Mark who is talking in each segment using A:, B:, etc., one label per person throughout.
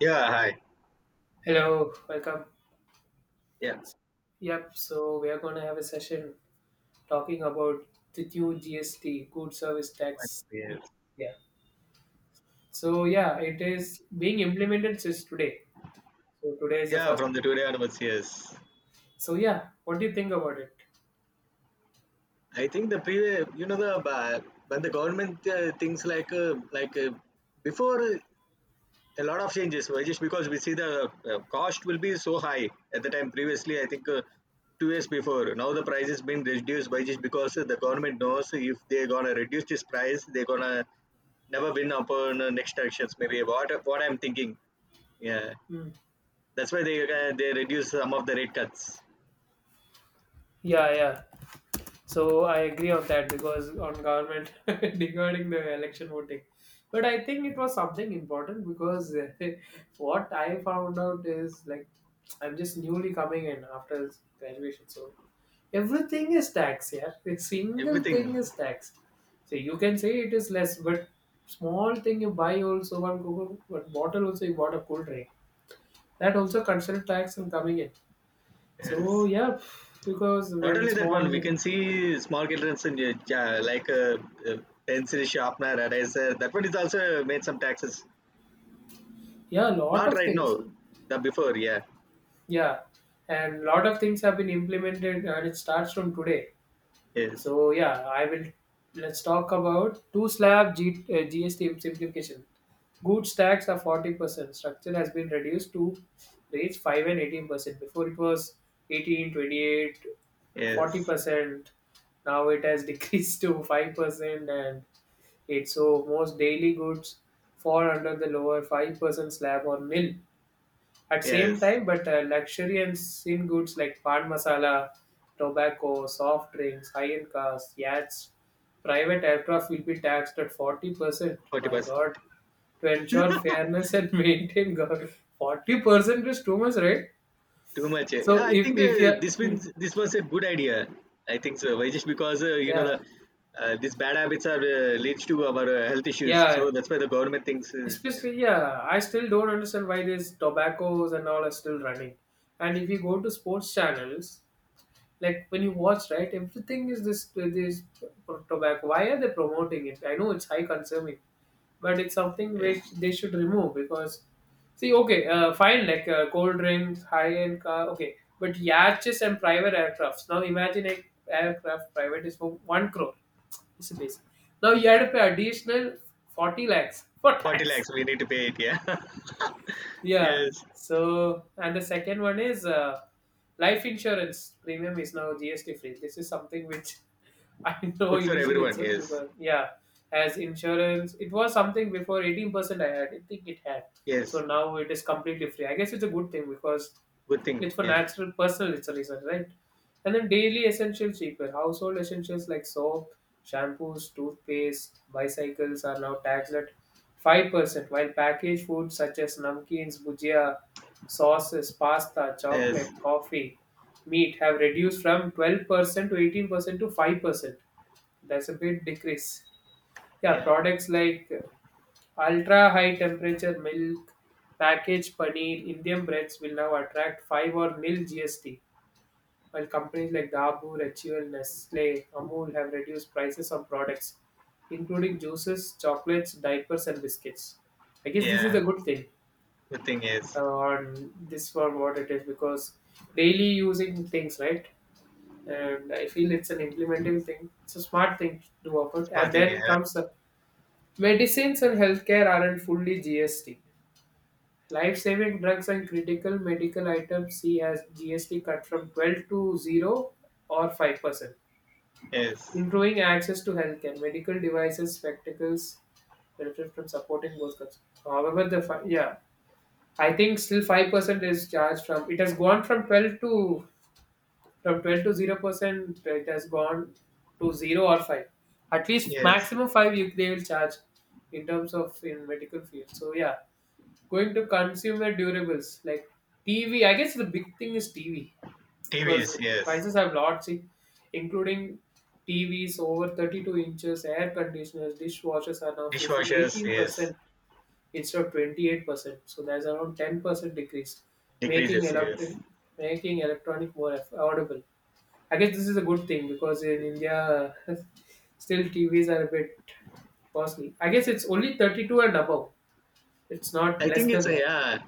A: Yeah, hi.
B: Hello, welcome.
A: Yeah,
B: Yep, so we are going to have a session talking about the new GST, Good Service Tax.
A: yes.
B: Yeah. So, yeah, it is being implemented since today. So, today is the
A: Yeah,
B: first.
A: from the today onwards, yes.
B: So, yeah, what do you think about it?
A: I think the previous, the when the government things like before a lot of changes were just because we see the cost will be so high at the time. Previously, I think 2 years before now the price has been reduced by just because the government knows if they're gonna reduce this price, they're gonna never win upon next elections. Maybe what I'm thinking. Yeah,
B: Hmm.
A: that's why they reduce some of the rate cuts.
B: Yeah, yeah. So I agree on that because on government regarding the election voting. But I think it was something important because what I found out is like I'm just newly coming in after graduation. So everything is taxed, yeah. A single
A: Everything.
B: thing is taxed. So you can say it is less, but small thing you buy also, one Google, one bottle, also you bought a cool drink. That also considered tax in coming in. So
A: Yes.
B: yeah, because
A: Not
B: when
A: only that
B: small
A: one, we can
B: thing.
A: see small childrens in like pencil sharpener, eraser. That one is also made some taxes.
B: Yeah, a lot
A: Not
B: of
A: right
B: things.
A: now. The before, yeah.
B: Yeah, and lot of things have been implemented, and it starts from today.
A: Yes.
B: So yeah, I will. Let's talk about two slab GST simplification. Goods tax are 40%. Structure has been reduced to rates 5 and 18%. Before it was eighteen twenty eight forty
A: Yes.
B: percent. Now it has decreased to 5%, and it's so most daily goods fall under the lower 5% slab or nil at same
A: Yes.
B: time. But luxury and sin goods like pan masala, tobacco, soft drinks, high-end cars, yachts, private aircraft will be taxed at 40%.
A: Forty
B: My
A: percent.
B: God, to ensure fairness and maintain government. 40% is too much, right?
A: Too much. Eh. Yeah,
B: So
A: I
B: if,
A: think
B: if you,
A: this
B: hmm,
A: means this was a good idea. I think so. Why just because
B: yeah,
A: these bad habits are leads to our health issues. So
B: yeah,
A: that's why the government thinks, yeah.
B: especially, yeah, I still don't understand why these tobaccos and all are still running. And if you go to sports channels, like when you watch, right, everything is this tobacco. Why are they promoting it? I know it's high consuming, but it's something which
A: Yes.
B: they should remove because, see, okay, fine, like cold drinks, high end car, okay, but yachts and private aircrafts. Now imagine a aircraft, private is for 1 crore, it's a base. Now you have to pay additional 40 lakhs for
A: 40
B: tax,
A: lakhs we need to pay it. Yeah.
B: yeah.
A: Yes.
B: So, and the second one is life insurance premium is now GST free. This is something which I know
A: Good for
B: initially
A: everyone.
B: itself
A: Yes.
B: because yeah, as insurance, it was something before 18%. I had, I think it had. So
A: Yes.
B: now it is completely free. I guess it's a good thing because
A: Good thing.
B: it's for
A: Yeah.
B: natural personal, it's right? And then daily essentials cheaper. Household essentials like soap, shampoos, toothpaste, bicycles are now taxed at 5%, while packaged foods such as namkeens, bhujia, sauces, pasta,
A: Yes.
B: chocolate, coffee, meat have reduced from 12% to 18% to 5%. That's a big decrease. Yeah,
A: Yeah.
B: products like Ultra high temperature milk, packaged paneer, Indian breads will now attract 5 or nil GST, while companies like Dabur, HUL, Nestle, Amul have reduced prices on products, including juices, chocolates, diapers, and biscuits. I guess this is
A: Yeah.
B: a good thing
A: Good thing. Yes.
B: on this for what it is because daily using things, right? And I feel it's an implementing thing. It's a smart thing to do of it.
A: Smart
B: And
A: thing.
B: then
A: Yeah.
B: comes the medicines and healthcare aren't fully GST. Life saving drugs and critical medical items see as GST cut from 12 to 0 or 5%,
A: Yes.
B: improving access to healthcare, medical devices, spectacles, benefit from supporting both cuts. However, yeah, I think still 5% is charged from it has gone from 12 to 0%, it has gone to 0 or 5. At least
A: Yes.
B: maximum 5, they will charge in terms of in medical field. So, yeah, going to consumer durables like TV. I guess the big thing is TV
A: T
B: because
A: V's Yes.
B: prices have lot, see, including TVs over 32 inches, air conditioners, dishwashers are now facing
A: Dishwashers. Yes.
B: 18% instead of 28%. So there's around 10% decrease, making
A: Decreases.
B: electric,
A: Yes.
B: making electronic more affordable. I guess this is a good thing because in India, still TVs are a bit costly. I guess it's only 32 and above. It's not
A: I
B: less
A: think it's
B: than
A: a
B: that.
A: yeah.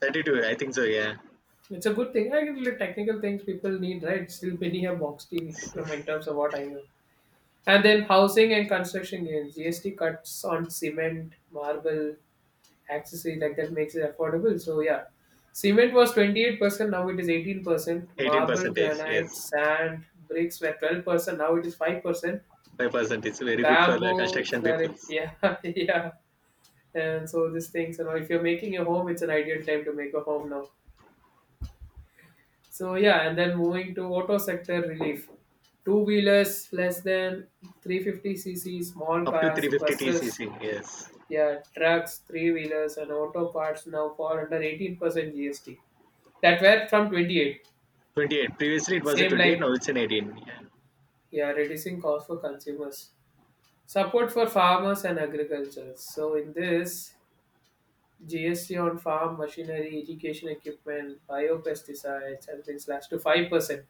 A: 32. I think so. Yeah.
B: It's a good thing. I think the technical things people need, right? Still many have box TV from in terms of what I know. And then housing and construction gains. GST cuts on cement, marble, accessory like that makes it affordable. So yeah. Cement was 28%, now it is 18%.
A: 18
B: Marble,
A: percentage.
B: granite,
A: Yes.
B: sand, bricks were 12%, now it is 5%.
A: 5% is very good for the
B: Bamboo,
A: construction people.
B: flooring, yeah, yeah. And so these things, if you're making a home, it's an ideal time to make a home now. So yeah, and then moving to auto sector relief. Two wheelers less than 350cc, small
A: Up to
B: cars,
A: 350
B: buses,
A: TCC. Yes.
B: yeah, trucks, three wheelers, and auto parts now fall under 18% GST. That were from 28.
A: 28. Previously it was a
B: Same
A: 28. Now
B: like
A: it's an 18. Yeah.
B: yeah, reducing cost for consumers. Support for farmers and agriculture. So in this GST on farm machinery, education equipment, biopesticides has been slashed to 5%.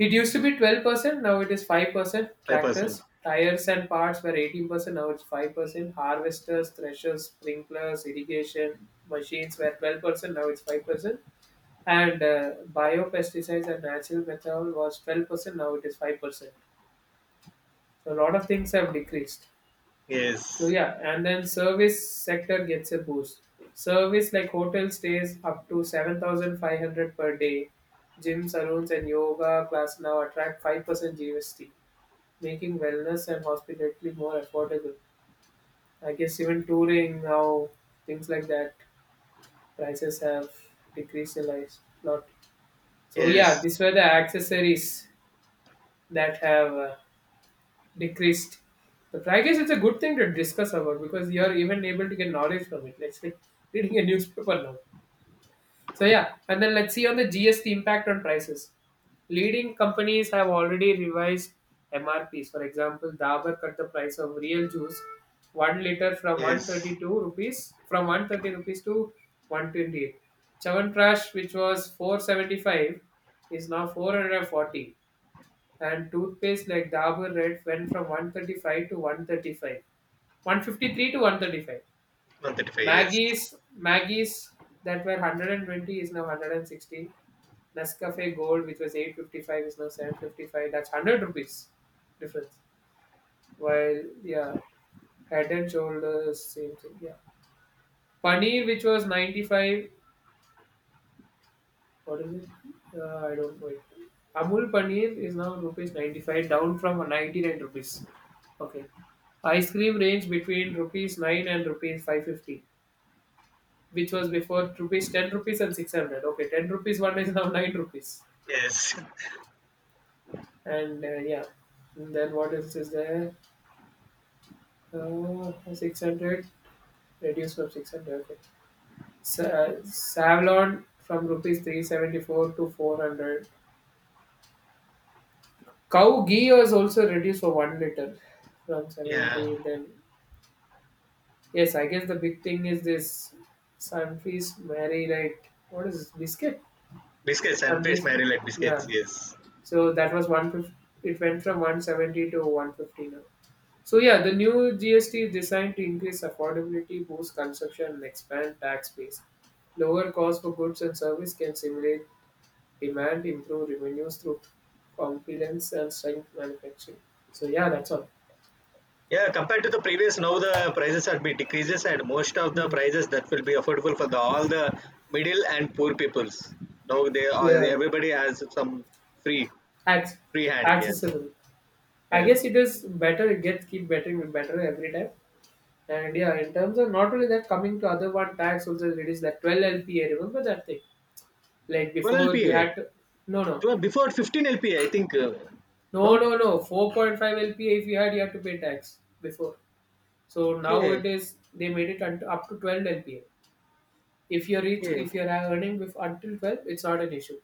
B: It used to be 12%, now it is 5%.
A: 5%.
B: Tractors, tires and parts were 18%, now it's 5%. Harvesters, threshers, sprinklers, irrigation machines were 12%, now it's 5%. And biopesticides and natural methanol was 12%, now it is 5%. So a lot of things have decreased. So
A: Yes.
B: yeah, and then service sector gets a boost. Service like hotel stays up to 7,500 per day. Gym, salons and yoga class now attract 5% GST making wellness and hospitality more affordable. I guess even touring now, things like that, prices have decreased a lot. So
A: Yes.
B: yeah, these were the accessories that have decreased. But I guess it's a good thing to discuss about because you're even able to get knowledge from it. Let's say reading a newspaper now. So yeah, and then let's see on the GST impact on prices. Leading companies have already revised MRPs. For example, Dabur cut the price of real juice 1 liter from
A: Yes.
B: 132 rupees, from 130 rupees to 128. Chyawanprash, which was 475, is now 440, and toothpaste like Dabur Red went from 135 to 135, 153 to 135.
A: 135. Yes.
B: Maggie's that were 120 is now 160. Nescafe Gold, which was 855, is now 755. That's 100 rupees difference. While yeah, head and shoulders same thing. Yeah, paneer which was 95. What is it? I don't know. It. Amul paneer is now rupees 95, down from 99 rupees. Okay, ice cream range between rupees 9 and rupees 550, which was before rupees 10 rupees and 600. Okay, 10 rupees one is now 9 rupees
A: Yes.
B: and yeah, and then what else is there? 600, reduced from 600, okay. Savlon from rupees 374 to 400. Cow ghee was also reduced for 1 liter from
A: Yeah.
B: 70, then yes, I guess the big thing is this sunfeast mary, right? What is this biscuit?
A: Biscuits and paste
B: Sunfeast,
A: Mary like
B: yeah.
A: biscuits. Yes.
B: So that was 150. It went from 170 to 150 now. So yeah, the new GST is designed to increase affordability, boost consumption, and expand tax base. Lower cost for goods and service can stimulate demand, improve revenues through confidence and strength manufacturing. So yeah, that's all.
A: Yeah. Compared to the previous, now the prices are bit decreases, and most of the
B: Hmm.
A: prices that will be affordable for the all the middle and poor peoples. Now they are
B: Yeah,
A: everybody has some free
B: Acc-
A: free hand. Yes.
B: accessible. I guess
A: Yes.
B: it is better. It gets keep better and better every time. And yeah, in terms of not only that, coming to other one tax also it is that 12 LPA. Remember that thing? Like
A: 12
B: before you
A: LPA.
B: had to, no, no.
A: 12, before 15 LPA, I think. Uh,
B: No,
A: no.
B: no, no. 4.5 LPA if you had to pay tax before. So now
A: Okay.
B: it is they made it up to 12 LPA. If you're rich,
A: Okay.
B: if you're earning with until 12, it's not an issue.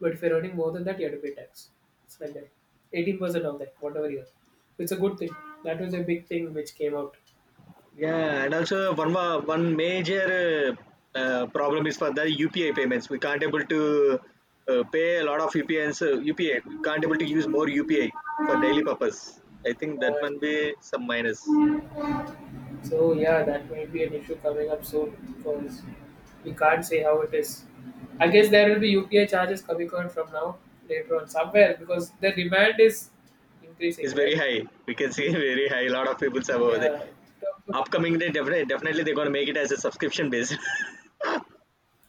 B: But if you're earning more than that, you have to pay tax. It's like that. 18% of that, whatever you are. It's a good thing. That was a big thing which came out.
A: Yeah, and also one more, one major problem is for the UPI payments. We can't able to pay a lot of UPIs. UPI, we can't able to use more UPI for daily purpose. I think that one
B: Uh,
A: be some minus.
B: So yeah, that may be an issue coming up soon because we can't say how it is. I guess there will be UPI charges coming on from now later on somewhere because the demand is increasing,
A: It's very
B: right?
A: high. We can see very high. A lot of people have over there.
B: Yeah,
A: Upcoming day, definitely, definitely they're gonna make it as a subscription based.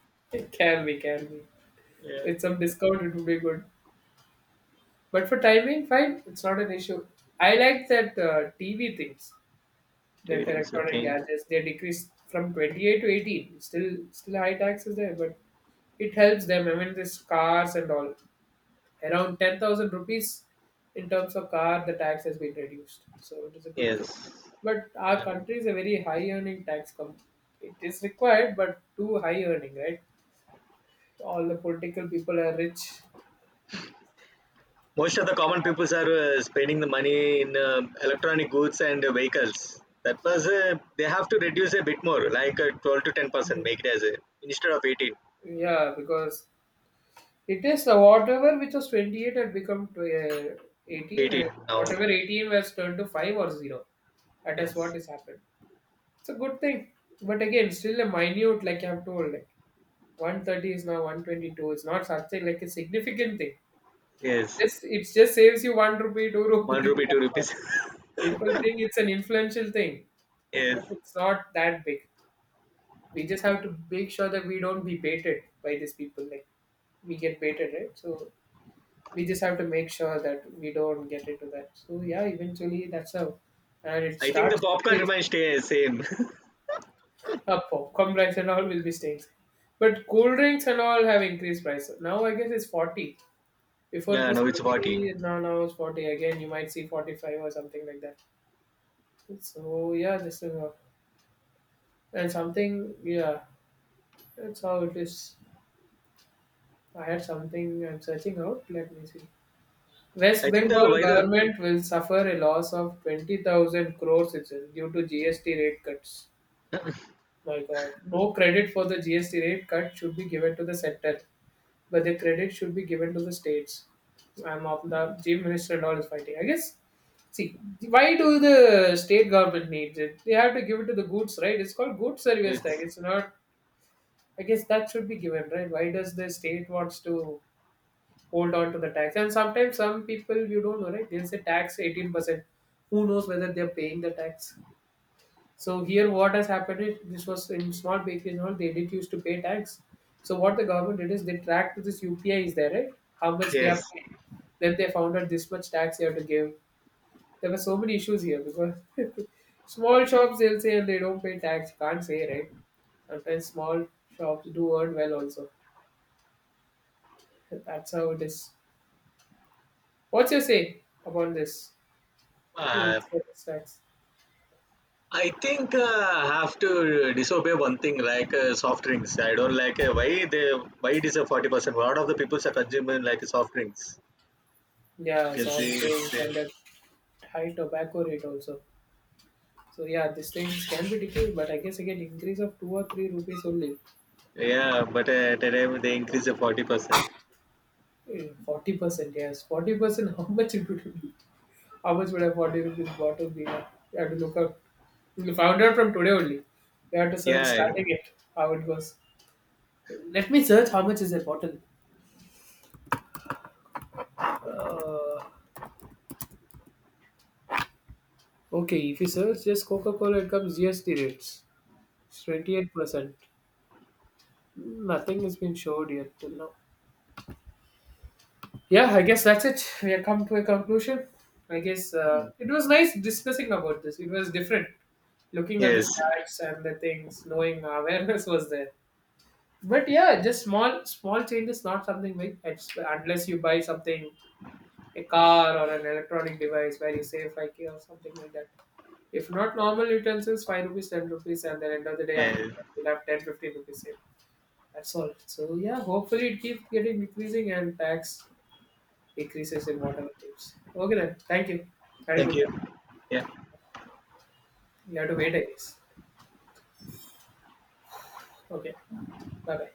B: it can be, can be.
A: Yeah,
B: With some discount, it would be good. But for timing, fine, it's not an issue. I like that TV things, that
A: everything's
B: electronic
A: okay.
B: gadgets, they decreased from 28 to 18. Still high taxes there, but it helps them. I mean, this cars and all. Around 10,000 rupees in terms of car, the tax has been reduced. So it is a good thing.
A: Yes.
B: But our
A: Yeah.
B: country is a very high earning tax company. It is required, but too high earning, right? All the political people are rich.
A: Most of the common peoples are spending the money in electronic goods and vehicles. That was They have to reduce a bit more, like 12 to 10%. Make it as a instead of eighteen,
B: Yeah, because it is the whatever which was 28 had become to, 18, and
A: eighteen now.
B: whatever 18 was turned to 5 or 0. That is what
A: Yes,
B: has happened. It's a good thing. But again, still a minute, like I've told, like 130 is now 122. It's not something like a significant thing.
A: yes,
B: Just it just saves you one rupee, two
A: one
B: rupee.
A: rupee, two
B: That's all.
A: rupees.
B: People think it's an influential thing, but
A: Yes,
B: it's not that big. We just have to make sure that we don't be baited by these people. Like we get baited, right? So we just have to make sure that we don't get into that. So yeah, eventually that's how, and it
A: I think the
B: starts.
A: popcorn remains stay same.
B: Up for complex and all will be states. But cool drinks and all have increased price. Now I guess it's 40. Before it
A: Yeah,
B: was
A: now it's 40.
B: 30, now it's 40. Again, you might see 45 or something like that. So yeah, this is all. And something, yeah, that's how it is. I had something I'm searching out. Let me see. West
A: I think the
B: Bengal
A: why the
B: government will suffer a loss of 20,000 crores it due to GST rate cuts. My God. No credit for the GST rate cut should be given to the center, but the credit should be given to the states. I'm of the chief minister and all is fighting, I guess. See, why do the state government needs it? They have to give it to the goods, right? It's called goods service tax.
A: it's
B: It's not. I guess that should be given, right? Why does the state wants to hold on to the tax? And sometimes some people you don't know, right? They'll say tax 18%. Who knows whether they're paying the tax? So here, what has happened is this was in small bakeries and all they did used to pay tax. So what the government did is they tracked this UPI is there, right? How much they are
A: yes.
B: paying. Then they found out this much tax you have to give. There were so many issues here because small shops they'll say they don't pay tax. Can't say right. Sometimes small shops do earn well also. That's how it is. What's your say about this?
A: Uh,
B: Goods service tax.
A: I think I have to disobey one thing like soft drinks. I don't like why it is a 40%. A lot of the people are consuming like soft drinks. You
B: Yeah,
A: can
B: soft
A: see it's
B: drinks and the high tobacco rate also. So yeah, these things can be decreased, but I guess again increase of two or three rupees only.
A: yeah, but at a time they increase the 40%.
B: 40%, yes, 40%. How much it would be? How much would a 40 rupees bottle be? You have to look up. We found out from today only. We have to search
A: Yeah,
B: starting it how it goes. Let me search how much is a bottle. Uh, okay, if you search just Coca Cola, it comes GST rates. It's 28%. Nothing has been showed yet till now. Yeah, I guess that's it. We have come to a conclusion. I guess
A: Mm.
B: it was nice discussing about this. It was different looking at the
A: Yes.
B: stats and the things, knowing awareness was there. But yeah, just small small changes, not something big. It's, unless you buy something, a car or an electronic device where you save 5k or something like that. If not normal utensils, 5 rupees, 10 rupees, and then end of the day after
A: Yeah.
B: that, you'll have 10, 15 rupees saved. That's all. So yeah, hopefully it keeps getting decreasing and tax decreases in water and things. Okay then, thank you. Had a
A: Thank
B: good
A: you.
B: time.
A: Yeah.
B: You have to wait, I guess. Okay, bye bye.